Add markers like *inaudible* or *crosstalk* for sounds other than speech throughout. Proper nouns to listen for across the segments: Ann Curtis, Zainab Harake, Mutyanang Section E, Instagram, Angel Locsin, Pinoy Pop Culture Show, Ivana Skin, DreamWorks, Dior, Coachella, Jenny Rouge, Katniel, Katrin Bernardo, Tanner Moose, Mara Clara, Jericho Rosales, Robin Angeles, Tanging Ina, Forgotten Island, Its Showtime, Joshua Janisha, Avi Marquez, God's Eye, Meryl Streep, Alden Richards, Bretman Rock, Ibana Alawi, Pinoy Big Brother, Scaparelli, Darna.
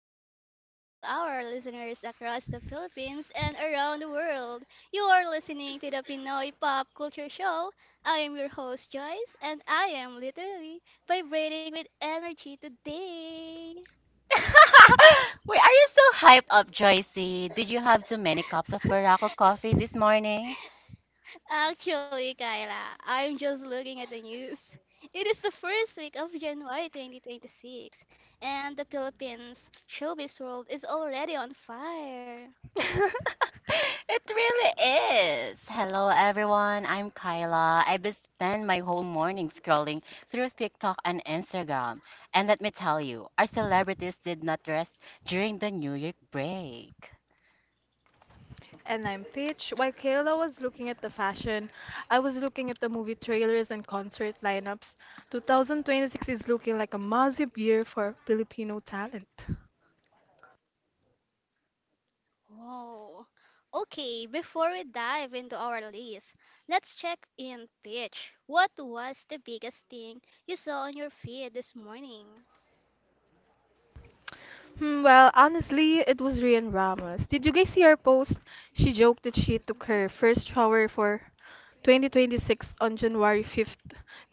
good evening to all our listeners across the Philippines and around the world. You are listening to the Pinoy Pop Culture Show. I am your host, Joyce, and I am literally vibrating with energy today. *laughs* Wait, are you so hyped up, Joycey? Did you have too many cups of Barako coffee this morning? Actually, Kyla, I'm just looking at the news. It is the first week of January 2026, and the Philippines showbiz world is already on fire. *laughs* It really is. Hello, everyone. I'm Kyla. I've been spend my whole morning scrolling through TikTok and Instagram. And let me tell you, our celebrities did not rest during the New Year break. And I'm Pitch. While Kayla was looking at the fashion, I was looking at the movie trailers and concert lineups. 2026 is looking like a massive year for Filipino talent. Oh, okay. Before we dive into our list, let's check in Peach. What was the biggest thing you saw on your feed this morning? Well, honestly, it was Rian Ramos. Did you guys see her post? She joked that she took *laughs* her first shower for 2026 on January 5th.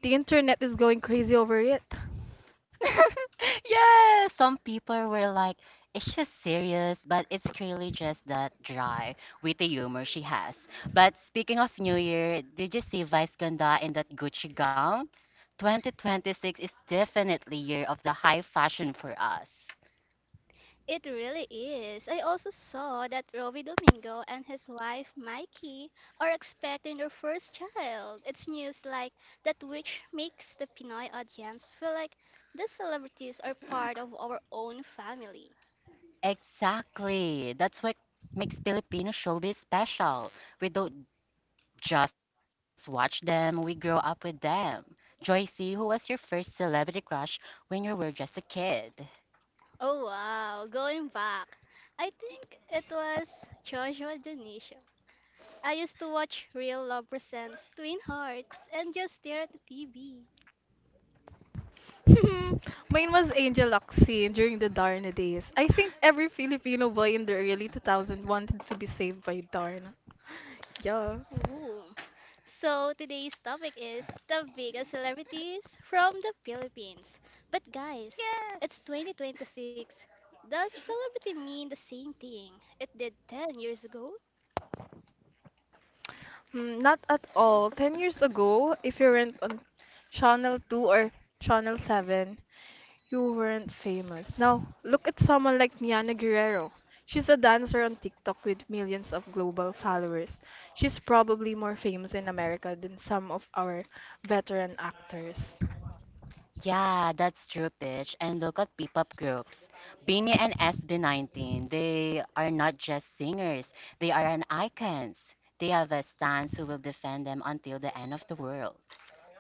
The internet is going crazy over it. *laughs* Yeah, some people were like, "Is she serious?" But it's clearly just that dry, witty humor she has. But speaking of New Year, did you see Vice Ganda in that Gucci gown? 2026 is definitely year of the high fashion for us. It really is. I also saw that Rovi Domingo and his wife Mikey are expecting their first child. It's news like that which makes the Pinoy audience feel like the celebrities are part of our own family. Exactly. That's what makes Filipino showbiz special. We don't just watch them, we grow up with them. Joycey, who was your first celebrity crush when you were just a kid? Oh wow, going back. I think it was Joshua Janisha. I used to watch Real Love Presents Twin Hearts and just stare at the TV. *laughs* Mine was Angel Locsin during the Darna days. I think every Filipino boy in the early 2000s wanted to be saved by Darna. Yeah. Ooh. So today's topic is the biggest celebrities from the Philippines. But guys, it's Yes. 2026. Does celebrity mean the same thing it did 10 years ago? Not at all. 10 years ago, if you weren't on Channel 2 or Channel 7, you weren't famous. Now, look at someone like Niana Guerrero. She's a dancer on TikTok with millions of global followers. She's probably more famous in America than some of our veteran actors. Yeah, that's true, Pitch. And look at P-pop groups. Bini and SB19, they are not just singers, they are an icons. They have a stance who will defend them until the end of the world.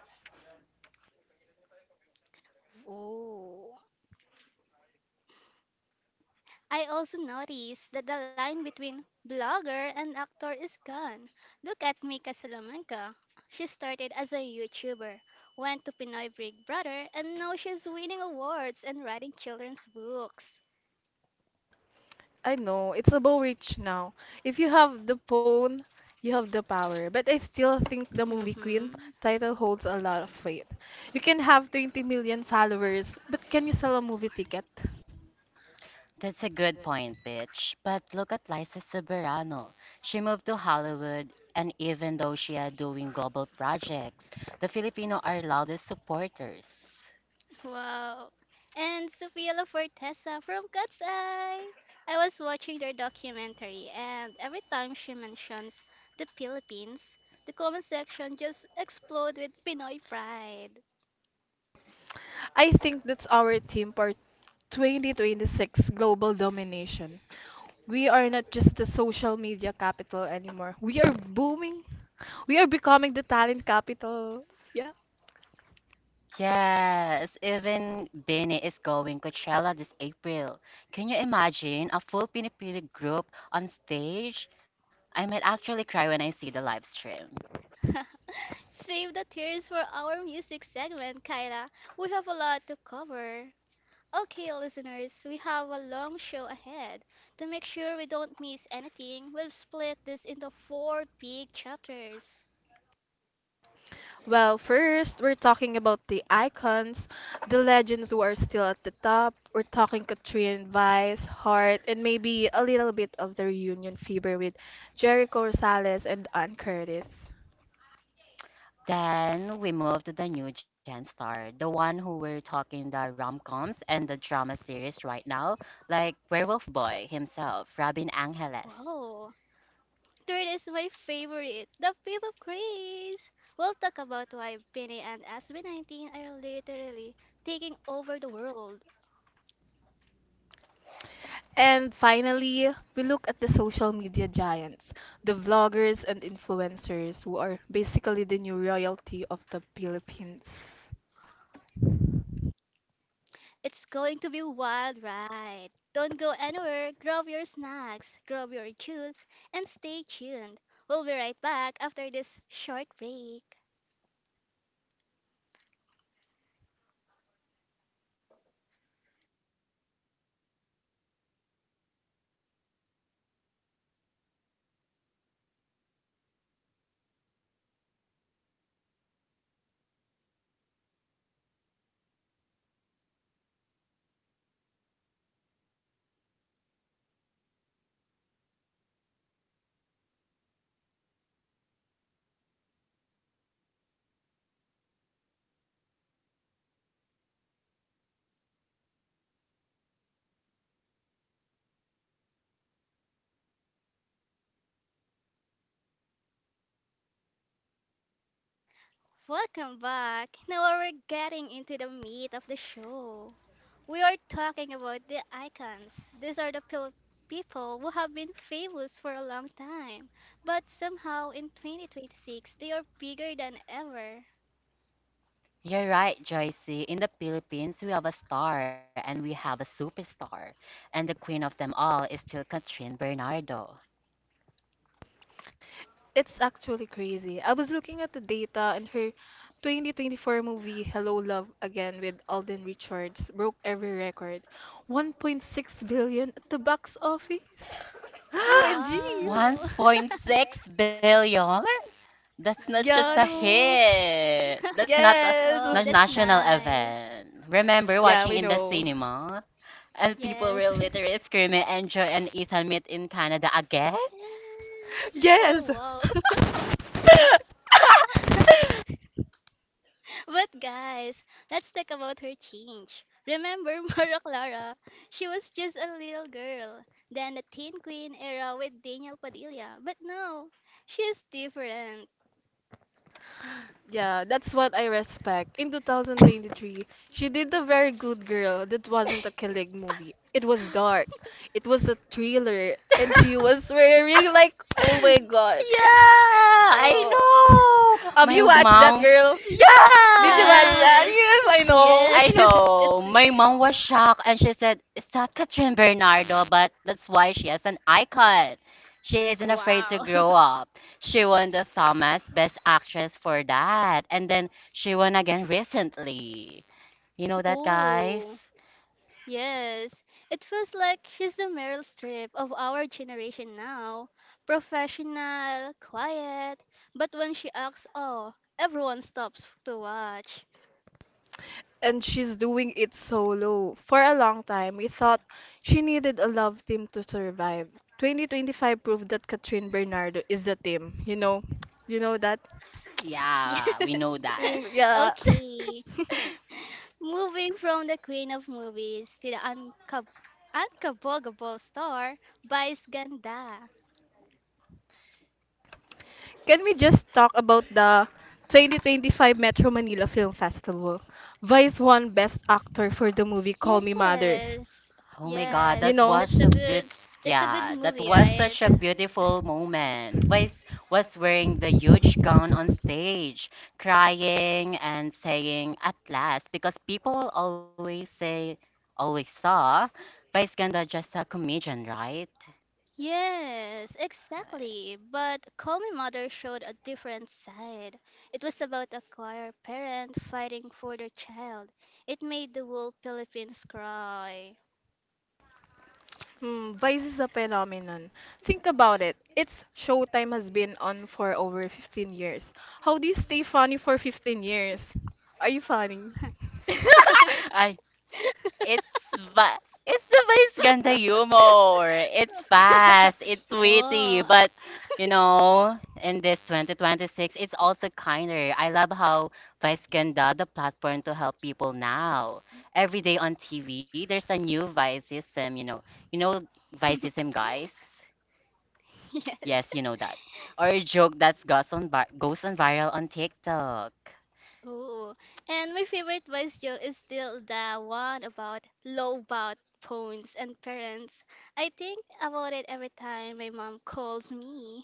Oh. I also noticed that the line between blogger and actor is gone. Look at Mika Salamanca. She started as a YouTuber, went to Pinoy Big Brother, and now she's winning awards and writing children's books. I know it's above reach now. If you have the phone, you have the power. But I still think the movie Queen Mm-hmm. title holds a lot of weight. You can have 20 million followers, but can you sell a movie ticket? That's a good point, Pitch. But look at Liza Soberano. She moved to Hollywood, and even though she is doing global projects, the Filipino are loudest supporters. Wow. And Sofia La Fortesa from God's Eye. I was watching their documentary, and every time she mentions the Philippines, the comment section just explode with Pinoy pride. I think that's our theme for 2026 global domination. We are not just the social media capital anymore. We are booming. We are becoming the talent capital. Yeah. Yes, even Benny is going Coachella this April. Can you imagine a full Filipino group on stage? I might actually cry when I see the live stream. *laughs* Save the tears for our music segment, Kyla. We have a lot to cover. Okay, listeners, we have a long show ahead. To make sure we don't miss anything, we'll split this into four big chapters. Well, first, we're talking about the icons, the legends who are still at the top. We're talking Katrina Vice, Hart, and maybe a little bit of the reunion fever with Jericho Rosales and Ann Curtis. Then we move to the new gen star, the one who we're talking the rom-coms and the drama series right now, like Werewolf Boy himself, Robin Whoa! Angeles. Third is my favorite, the Fifth of Grace. We'll talk about why Benny and SB19 are literally taking over the world. And finally, we look at the social media giants, the vloggers and influencers who are basically the new royalty of the Philippines. It's going to be wild ride. Don't go anywhere. Grab your snacks, grab your juice, and stay tuned. We'll be right back after this short break. Welcome back. Now we're getting into the meat of the show. We are talking about the icons. These are the people who have been famous for a long time, but somehow in 2026 they are bigger than ever. You're right, Joycey. In the Philippines, we have a star and we have a superstar. And the queen of them all is still Catherine Bernardo. It's actually crazy. I was looking at the data, and her 2024 movie, Hello Love Again with Alden Richards, broke every record, 1.6 billion at the box office. *laughs* OMG! *gasps* Wow. *laughs* 1.6 billion? That's not just a Yeah, no. hit. That's not a, Yes! Wow, not that's national nice. event. Remember Yeah, watching we in the know. cinema? And people were Yes. *laughs* literally screaming, enjoy and Ethan meet in Canada again? yes. *laughs* Oh, Yes! wow. *laughs* *laughs* But guys, let's talk about her change. Remember *laughs* Mara Clara? She was just a little girl, then the Teen Queen era with Daniel Padilla. But now, she's different. Yeah, that's what I respect. In 2023, she did the very good girl that wasn't a killing movie. It was dark. It was a thriller and she was wearing like oh my god. Yeah, I Oh. *laughs* know. Have My you watched that *laughs* mom. girl? Did you watch Yeah. that? *laughs* Yes. Yes, I know. I Yes. *laughs* know. it's My mom was shocked and she said, "It's not Katrin Bernardo," but that's why she is an icon. She isn't afraid to wow. grow *laughs* up. She won the Thomas Best Actress for that. And then she won again recently. You know that, guys? Oh, yes, it feels like she's the Meryl Streep of our generation now. Professional, quiet, but when she acts, oh, everyone stops to watch. *laughs* And she's doing it solo. For a long time, we thought she needed a love team to survive. 2025 proved that Katrin Bernardo is a team. You know that? Yeah. Yeah, we know that. Yeah. Okay. *laughs* *laughs* Moving from the queen of movies to the unkabogable star, Vice Ganda. Can we just talk about the 2025 Metro Manila Film Festival? Vice won Best Actor for the movie Call Me Mother. Yes. Oh my God, You that Yes, know, was that's a a bit, good yeah, that movie, was right? such a beautiful moment. Vice was wearing the huge gown on stage, crying and saying at last, because people always say, always saw Vice Ganda just a comedian, right? Yes, exactly. But Call Me Mother showed a different side. It was about a choir parent fighting for their child. It made the whole Philippines cry. Vice is a phenomenon. Think about it. Its showtime has been on for over 15 years. How do you stay funny for 15 years? Are you funny? *laughs* I It's it's the vice ganda humor. It's fast, it's witty, Oh, but you know, in this 2026, it's also kinder. I love how Vice Ganda, the platform to help people now. Every day on TV, there's a new Viceism, you know. You know *laughs* Viceism, guys? yes. Yes, you know that. Or a joke that's goes on, vi- goes on viral on TikTok. Oh, and my favorite voice joke is still the one about low phones and parents. I think about it every time my mom calls me.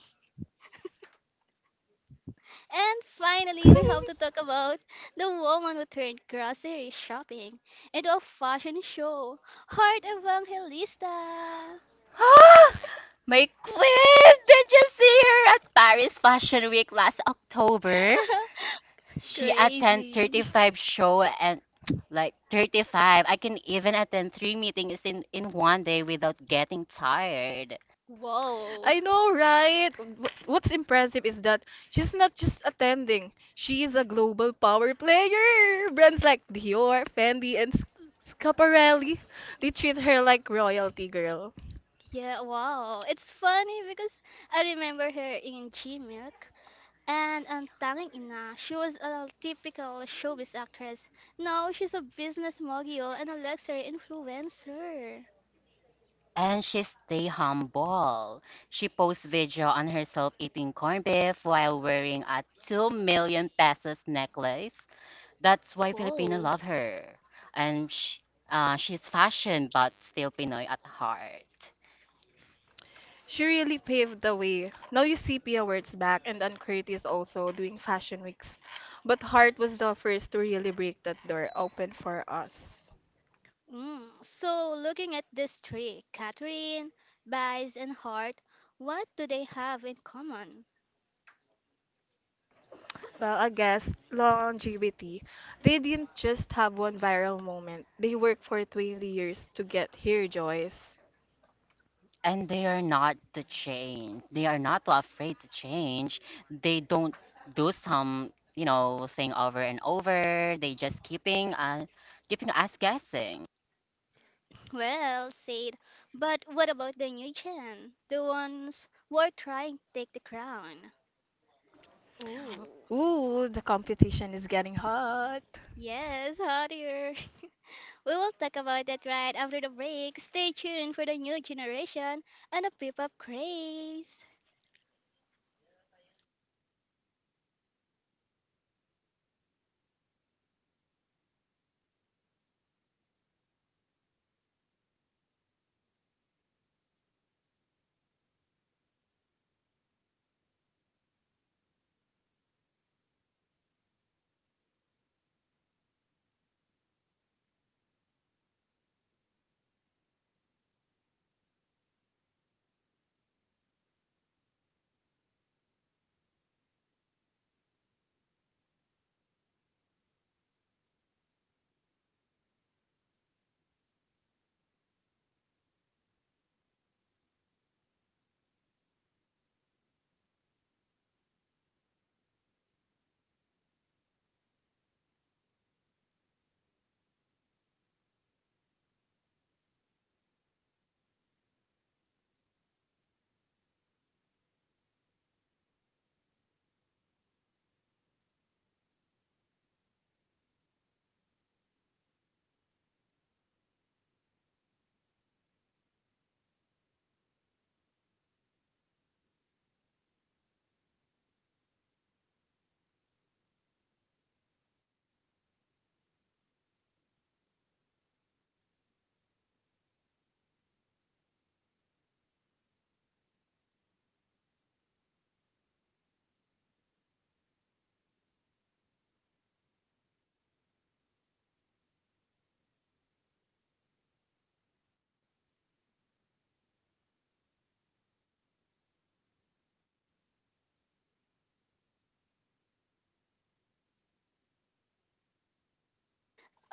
And finally, we have to *laughs* talk about the woman who turned grocery shopping into a fashion show. Heart Evangelista. *gasps* My queen! Did you see her at Paris Fashion Week last October? *laughs* She attend Crazy. *laughs* 35 show and *tsk* like 35. I can even attend three meetings in one day without getting tired. Wow. I know, right? What's impressive is that she's not just attending, she's a global power player. Brands like Dior, Fendi, and Scaparelli, they treat her like royalty, girl. Yeah, wow. It's funny because I remember her in G Milk and on Tanging Ina. She was a typical showbiz actress. Now she's a business mogul and a luxury influencer. And she stay humble. She posts video on herself eating corned beef while wearing a 2 million pesos necklace. That's why Filipino Wow. love her. And she's fashion, but still Pinoy at heart. She really paved the way. Now you see Pia back, and Uncrate is also doing fashion weeks. But Heart was the first to really break that door open for us. Mm, so, looking at this tree, Catherine, Bice, and Hart, what do they have in common? Well, I guess longevity. They didn't just have one viral moment. They worked for 20 years to get here, Joyce. And they are not to change. They are not too afraid to change. They don't do some, you know, thing over and over. They just keeping us guessing. *laughs* Well, said, but what about the new gen? The ones who are trying to take the crown? Ooh, Ooh, the competition is getting hot. yes, hotter. *laughs* We will talk about that right after the break. Stay tuned for the new generation and the pop-up craze.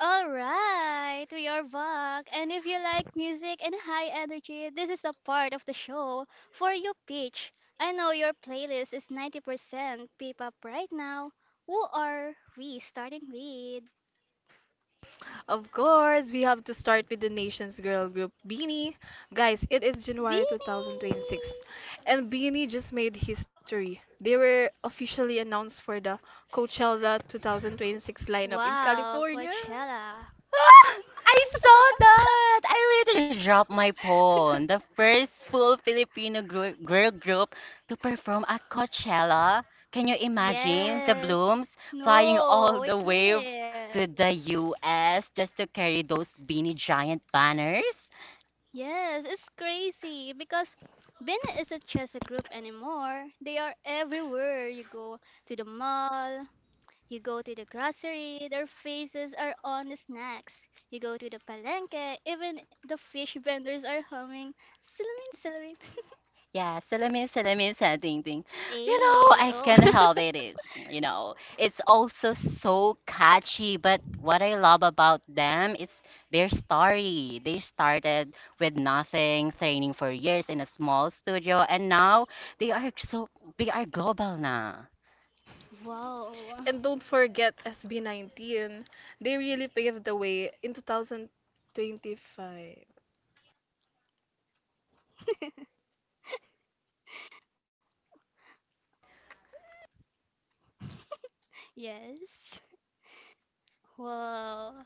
All right, we are back. And if you like music and high energy, this is a part of the show for you, Peach. I know your playlist is 90% peep pop right now. Who are we starting with? Of course, we have to start with the nation's girl group, Beanie. Guys, it is January Beanie! 2026, and Beanie just made history. They were officially announced for the Coachella 2026 lineup in Wow, California. Coachella. Ah, I saw that! I literally dropped my phone. The first full Filipino girl group to perform at Coachella. Can you imagine the blooms Yes. flying No, all we the way can't. to the US just to carry those beanie giant banners? Yes, it's crazy because Beanie isn't just a group anymore. They are everywhere you go to the mall. You go to the grocery, their faces are on the snacks. You go to the palenque, even the fish *laughs* vendors are humming, Salamin, salamin. *laughs* Yeah, salamin, salamin, sa dingding. You know, Hey, I oh, can't help it. You know, it's also so catchy, but what I love about them is their story. They started with nothing, training for years in a small studio, and now they are so they are global now. *laughs* wow. *laughs* Yes. Wow.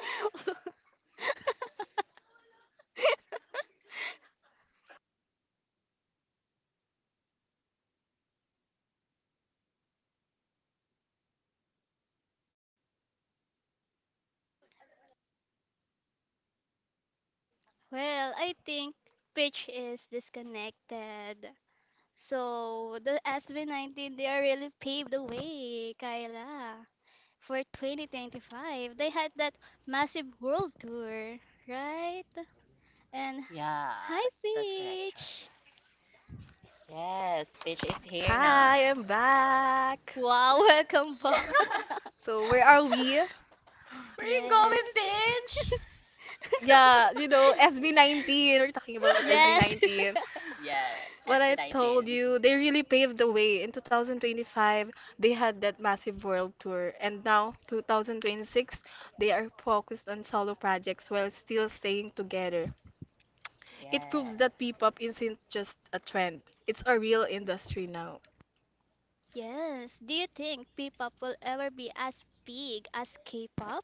*laughs* Well, I think pitch is disconnected. So the SB19, they are really paved the way, Kyla. For 2025, they had that massive world tour, right? And Yeah, Hi, that's correct choice. Peach. Yes, Peach is here now. Hi, I'm back. Wow, *laughs* welcome back. *laughs* *laughs* Where So where are we? you going, Yes. Peach? Yeah, you know, SB19. We're talking about Yes. SB19. *laughs* Yeah, What I SB19. told you, they really paved the way. In 2025, they had that massive world tour, and now 2026, they are focused on solo projects while still staying together. Yeah. It proves that P-pop isn't just a trend; it's a real industry now. Yes. Do you think P-pop will ever be as big as K-pop?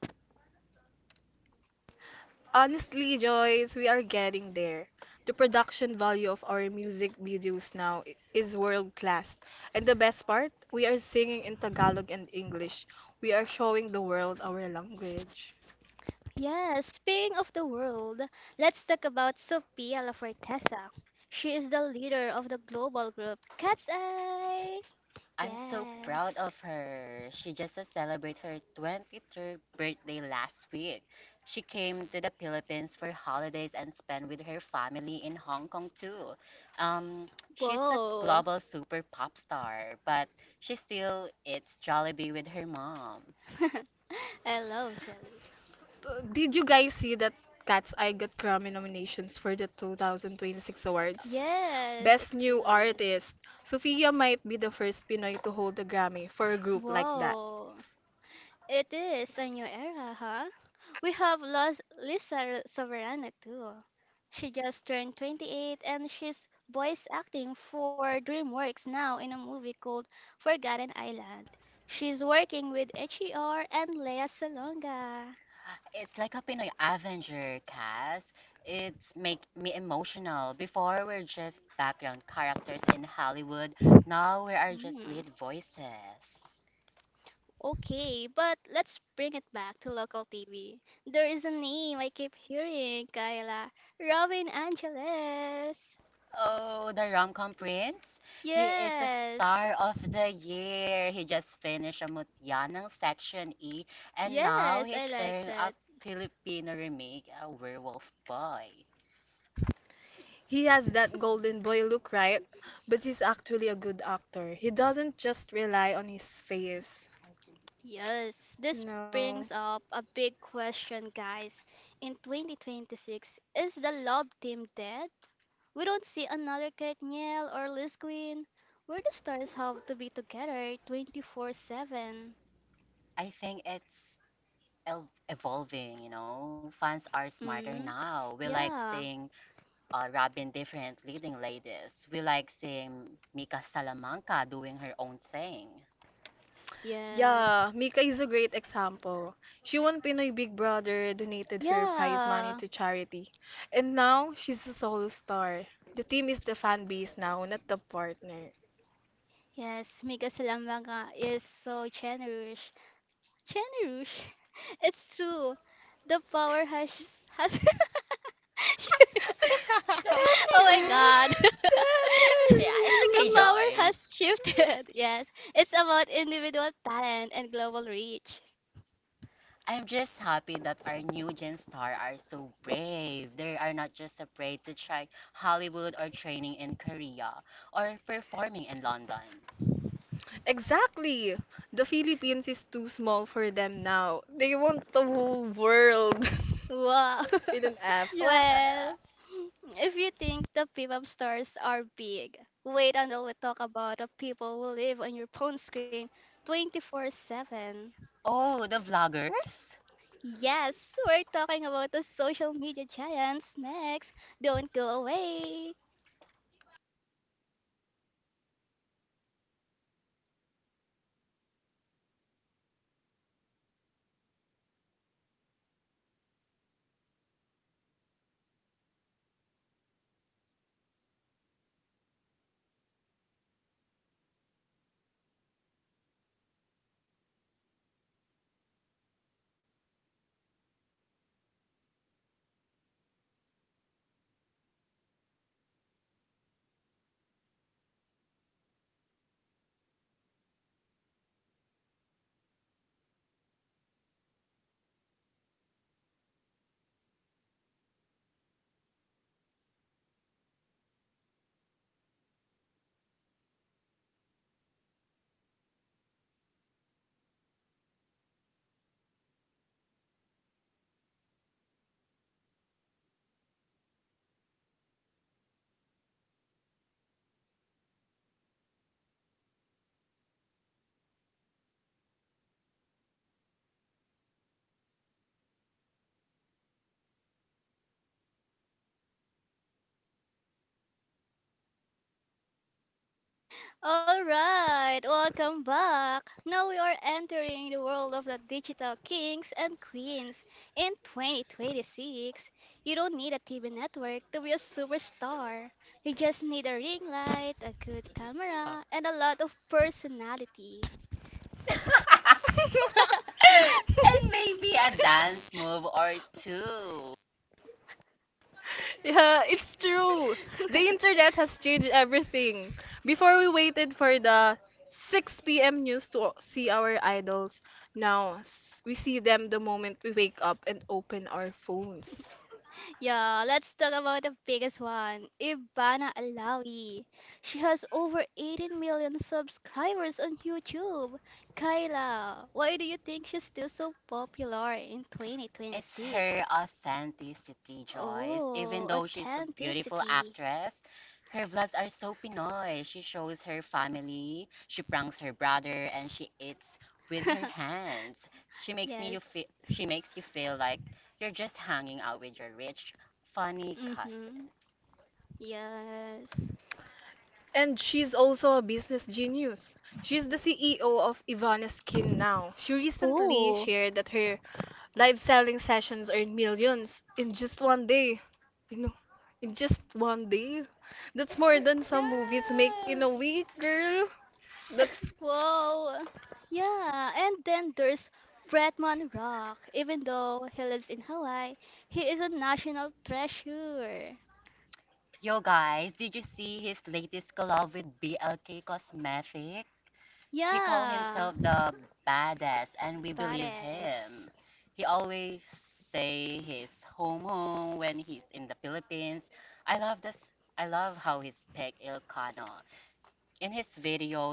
Honestly, Joyce, we are getting there. The production value of our music videos now is world class. And the best part, we are singing in Tagalog and English. We are showing the world our language. Yes. Speaking of the world, let's talk about Sophia Lafortesa. She is the leader of the global group Cat's Eye. I'm so proud of Yes. her. She just celebrated her 23rd birthday last week. She came to the Philippines for holidays and spent with her family in Hong Kong too. She's a global Whoa. *laughs* super pop star, but she still eats Jollibee with her mom. I love jelly. Did you guys see that Cat's Eye got Grammy nominations for the It's like up 2026 in it. awards? Yes, it Best New really is. Artist. Sofia might be the first Pinoy to hold a Grammy for a group like that. Whoa. It is a new era, huh? We have lost Lisa Soberano too. She just turned 28 and she's voice acting for DreamWorks now in a movie called Forgotten Island. She's working with HER and Lea Salonga. It's like a Pinoy Avenger, Cass. It's make me emotional. Before we're just background characters in Hollywood. Now we are just lead Hmm. voices. Okay, but let's bring it back to local TV. There is a name I keep hearing, Kayla. Robin Angeles. Oh, the rom-com prince. He is the star of Yes. the year. He just finished a Mutyanang Section E and now he's stirring Yes, I up like that. Filipino remake, a werewolf boy. He has that golden boy look, right? But he's actually a good actor. He doesn't just rely on his face. Yes, You this know? brings up a big question, guys. In 2026, is the love team dead? We don't see another Katniel or Liz Queen. Where the stars have to be together 24/7. I think evolving, you know. Fans are smarter now. We Mm, like seeing yeah, Robin different leading ladies. We like seeing Mika Salamanca doing her own thing. yes, Yeah, Mika is a great example. She won Pinoy Big Brother, donated her prize money yeah, to charity. And now, she's a solo star. The team is the fan base now, not the partner. yes. Mika Salambanga is so generous. Generous. *laughs* It's true. The power has. *laughs* *laughs* Jenny Rouge. Oh *laughs* my God. Yeah, it's *laughs* okay, Tanner Joyce. The Moose. power has shifted. *laughs* Yes, it's about individual talent and global reach. I'm just happy that our new Gen Star are so brave. They are not just afraid to try Hollywood or training in Korea or performing in London. Exactly. The Philippines is too small for them now. They want the whole world Wow. Yeah. *laughs* with an app. *laughs* Well, if you think the pop-up stars are big, wait until we talk about the people who live on your phone screen Oh, 24/7. the vloggers? Yes, we're talking about the social media giants next. Don't go away. All right, welcome back. Now we are entering the world of the digital kings and queens in 2026. You don't need a TV network to be a superstar. You just need a ring light, a good camera, and a lot of personality. *laughs* And maybe a dance move or two. Yeah, it's true. The *laughs* internet has changed everything. Before we waited for the 6 p.m. news to see our idols. Now we see them the moment we wake up and open our phones. Yeah, let's talk about the biggest one, Ibana Alawi. She has over 18 million subscribers on YouTube. Kyla, why do you think she's still so It's popular her in authenticity, 2026? Joyce. Even though she's a beautiful Oh, actress, her vlogs are authenticity. so Pinoy. She shows her family, she pranks her brother, and she eats with her hands. *laughs* She makes you feel like Yes. you're just hanging out with your rich, funny cousin. Mm-hmm. Yes. And she's also a business genius. She's the CEO of Ivana Skin now. She recently Oh, shared that her live selling sessions earn millions in just one day. You know, in just Yes. one day. That's more than some movies make in a week, girl. That's whoa. Yeah, and then there's Bretman Rock. Even though he lives in Hawaii, he is a national Yo guys, did treasure. you see his latest collab with BLK Cosmetics? He called himself the badass and we Yeah, believe him. He always Pares. say he's home home when he's in the Philippines. I love this I love how he's Peg Ilcano. In his videos it makes you feel connected to him.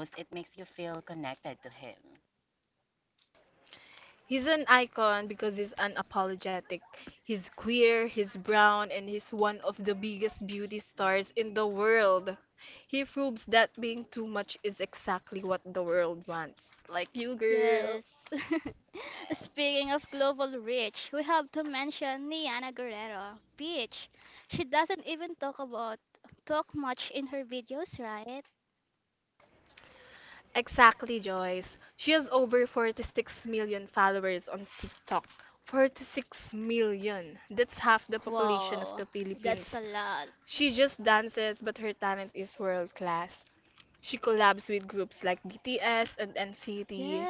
he's an icon because he's unapologetic. He's queer, he's brown, and he's one of the biggest beauty stars in the world. He proves that being too much is exactly what the world wants. Like you, girl. Yes. *laughs* Speaking of global reach, we have to mention Niana Guerrero, Peach. She doesn't even talk much in her videos, right? Exactly, Joyce. She has over 46 million followers on TikTok. 46 million. That's half the population of Wow, the that's a Philippines. lot. She just dances, but her talent is world class. She collabs with groups like BTS and NCT.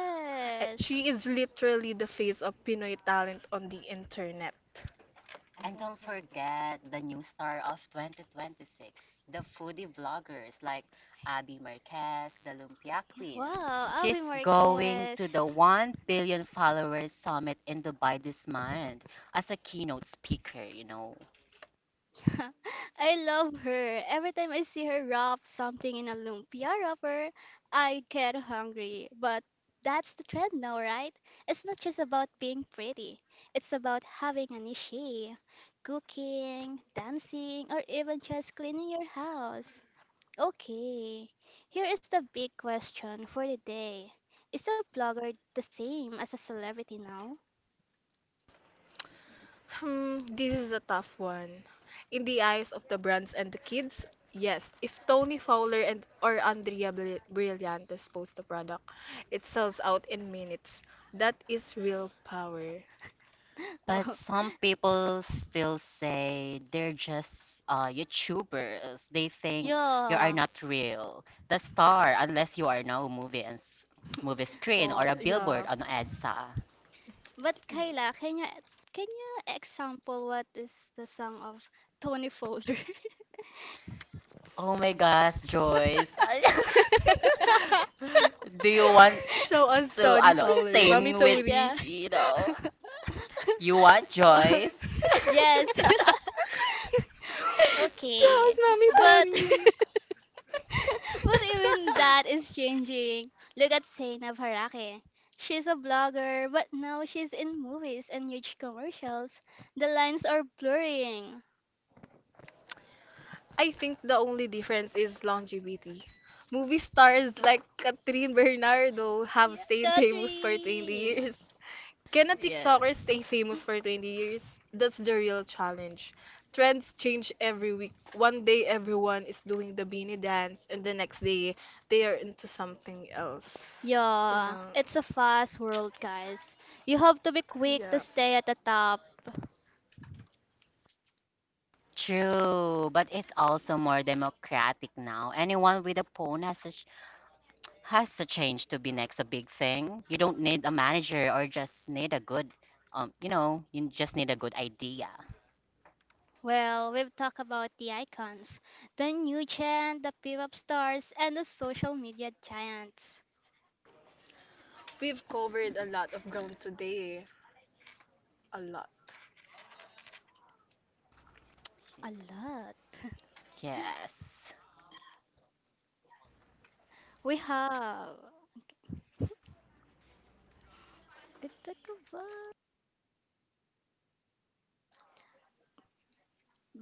And she is literally the face of Pinoy And talent don't on the forget the internet. new star of 2026, the foodie vloggers like Abby Marquez, the Lumpia Queen. She's going to the Yeah, 1 wow, billion Avi followers summit Marquez. in Dubai this month as a keynote speaker, you know. *laughs* I love her. Every time I see her wrap something in a lumpia wrapper, I get hungry. But that's the trend now, right? It's not just about being pretty. It's about having an issue. Cooking, dancing, or even just cleaning your house. Okay, here is the big question for the day. Is a blogger the same as a celebrity now? This is a tough one. In the eyes of the brands and the kids, yes. If Tony Fowler and or Andrea Brillantes post the product, it sells out in minutes. That But is some real people power. still *laughs* say Well, they're just YouTubers. They think you are not real. The star, unless you are yeah. now movie and movie screen or a billboard on EDSA. Oh, Yeah. but Kayla, can you example what is the song of Oh my Tony Fowler? gosh, *laughs* Joyce. *laughs* Do you want to, ano, *laughs* sing with, you Show know, us Tony Fowler, you Mommy want yeah. Tony. *laughs* Joyce? *laughs* *laughs* Well, yes. *laughs* Show okay. us Mommy But Tony. *laughs* but even that *laughs* is changing. Look at Zainab Harake. She's a blogger, but now she's in movies and huge commercials. The lines are blurring. I think the only difference is longevity. Movie stars like Catherine Bernardo have Yeah, Yes. stayed famous for 20 Catherine. years. Can a TikToker stay famous for 20 years? That's the real challenge. Trends change every week. One day everyone is doing the beanie dance, and the next day they are into something else. You Yeah, know, it's a fast world, guys. You have to be quick to yeah. stay at the top. True, but it's also more democratic now. Anyone with a phone has a change to be next a big thing. You don't need a manager or just need a you know, you just need a good idea. Well, we've talked about the icons, the new gen, the pop stars, and the social media giants. We've covered a lot of ground today. A lot. Yes. A lot. We have. We talk about.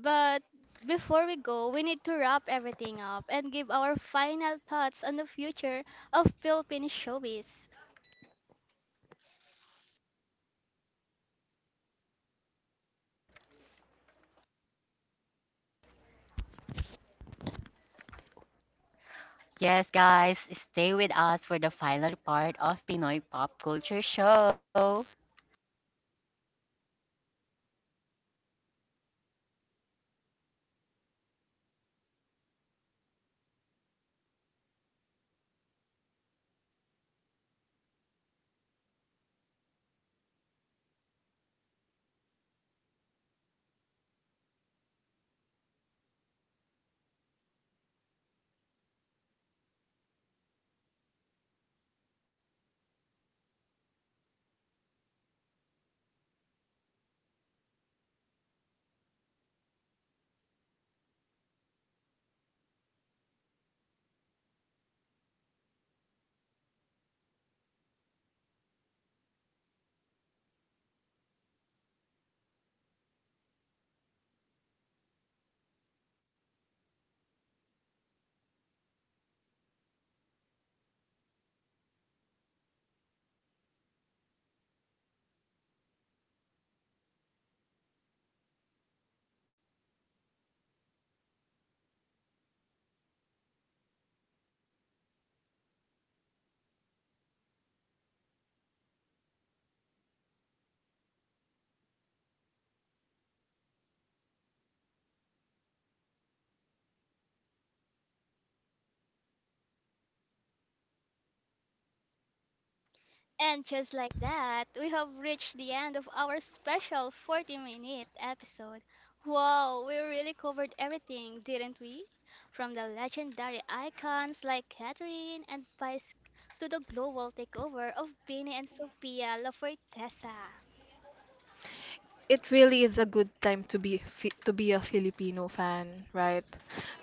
But before we go, we need to wrap everything up and give our final thoughts on the future of Philippine showbiz. Yes, guys, stay with us for the final part of Pinoy Pop Culture Show. And just like that, we have reached the end of our special 40-minute episode. Wow, we really covered everything, didn't we? From the legendary icons like Catherine and Vice to the global takeover of Bini and Sophia La Forteza. It really is a good time to be a Filipino fan, right?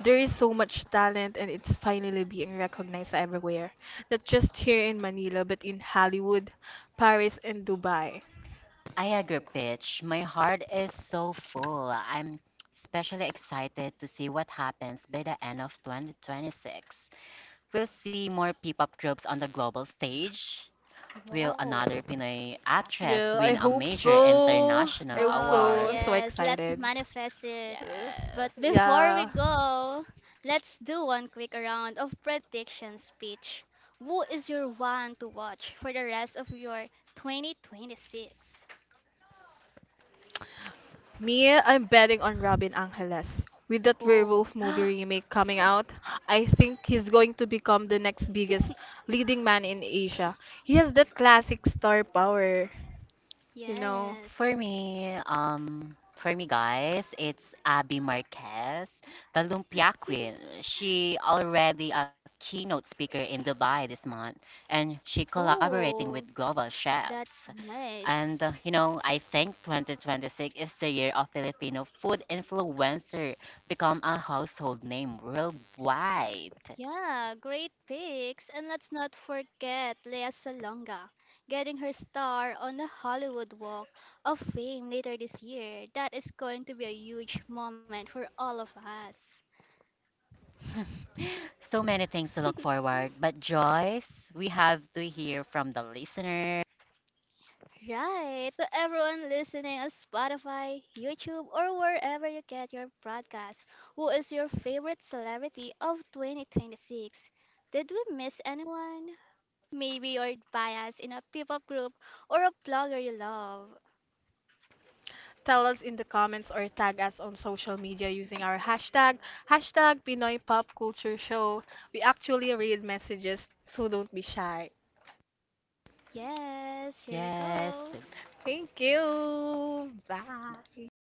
There is so much talent and it's finally being recognized everywhere. Not just here I in agree, Manila, but in Pitch. My heart Hollywood, is so Paris, and full. I'm Dubai. especially excited to see what happens by the end of 2026. We'll see more P-pop groups on the global stage. Will another Pinoy actress win a major international Whoa. award? Yeah, I hope Yes. so. I hope Whoa, so. I'm so yes, let's excited. manifest it. Uh, But before we yeah. go, let's do one quick round of prediction speech. Who is your one to watch for the rest of your 2026? *gasps* Me, I'm betting on Robin Angeles. With that Oh, werewolf movie remake coming out, I think he's going to become the next biggest leading man in Asia. He has that classic for me star guys, power, it's Abby you know. Marquez, yes. the Lumpia Queen. She already a keynote speaker in Dubai this month, and she collaborating with global chefs. And you know, I think 2026 is the Oh, year of Filipino that's food nice. influencer become a household name worldwide. Yeah, great picks. And let's not forget Lea Salonga getting her star on the Hollywood Walk of Fame later this year. That is going *laughs* to be So a many huge things to look moment for forward. all But of Joyce, us. we have to hear from the listener. *laughs* Right, to everyone listening on Spotify, YouTube, or wherever you get your broadcast, who is your favorite celebrity of 2026? Did we miss anyone? Maybe you're biased in a pop group or a blogger you love. Tell us in the comments or tag us on social media using our hashtag, hashtag Pinoy Pop Culture Show. We actually read Yes, messages, so don't be shy. bye. Yes, here we go. Thank you. Bye.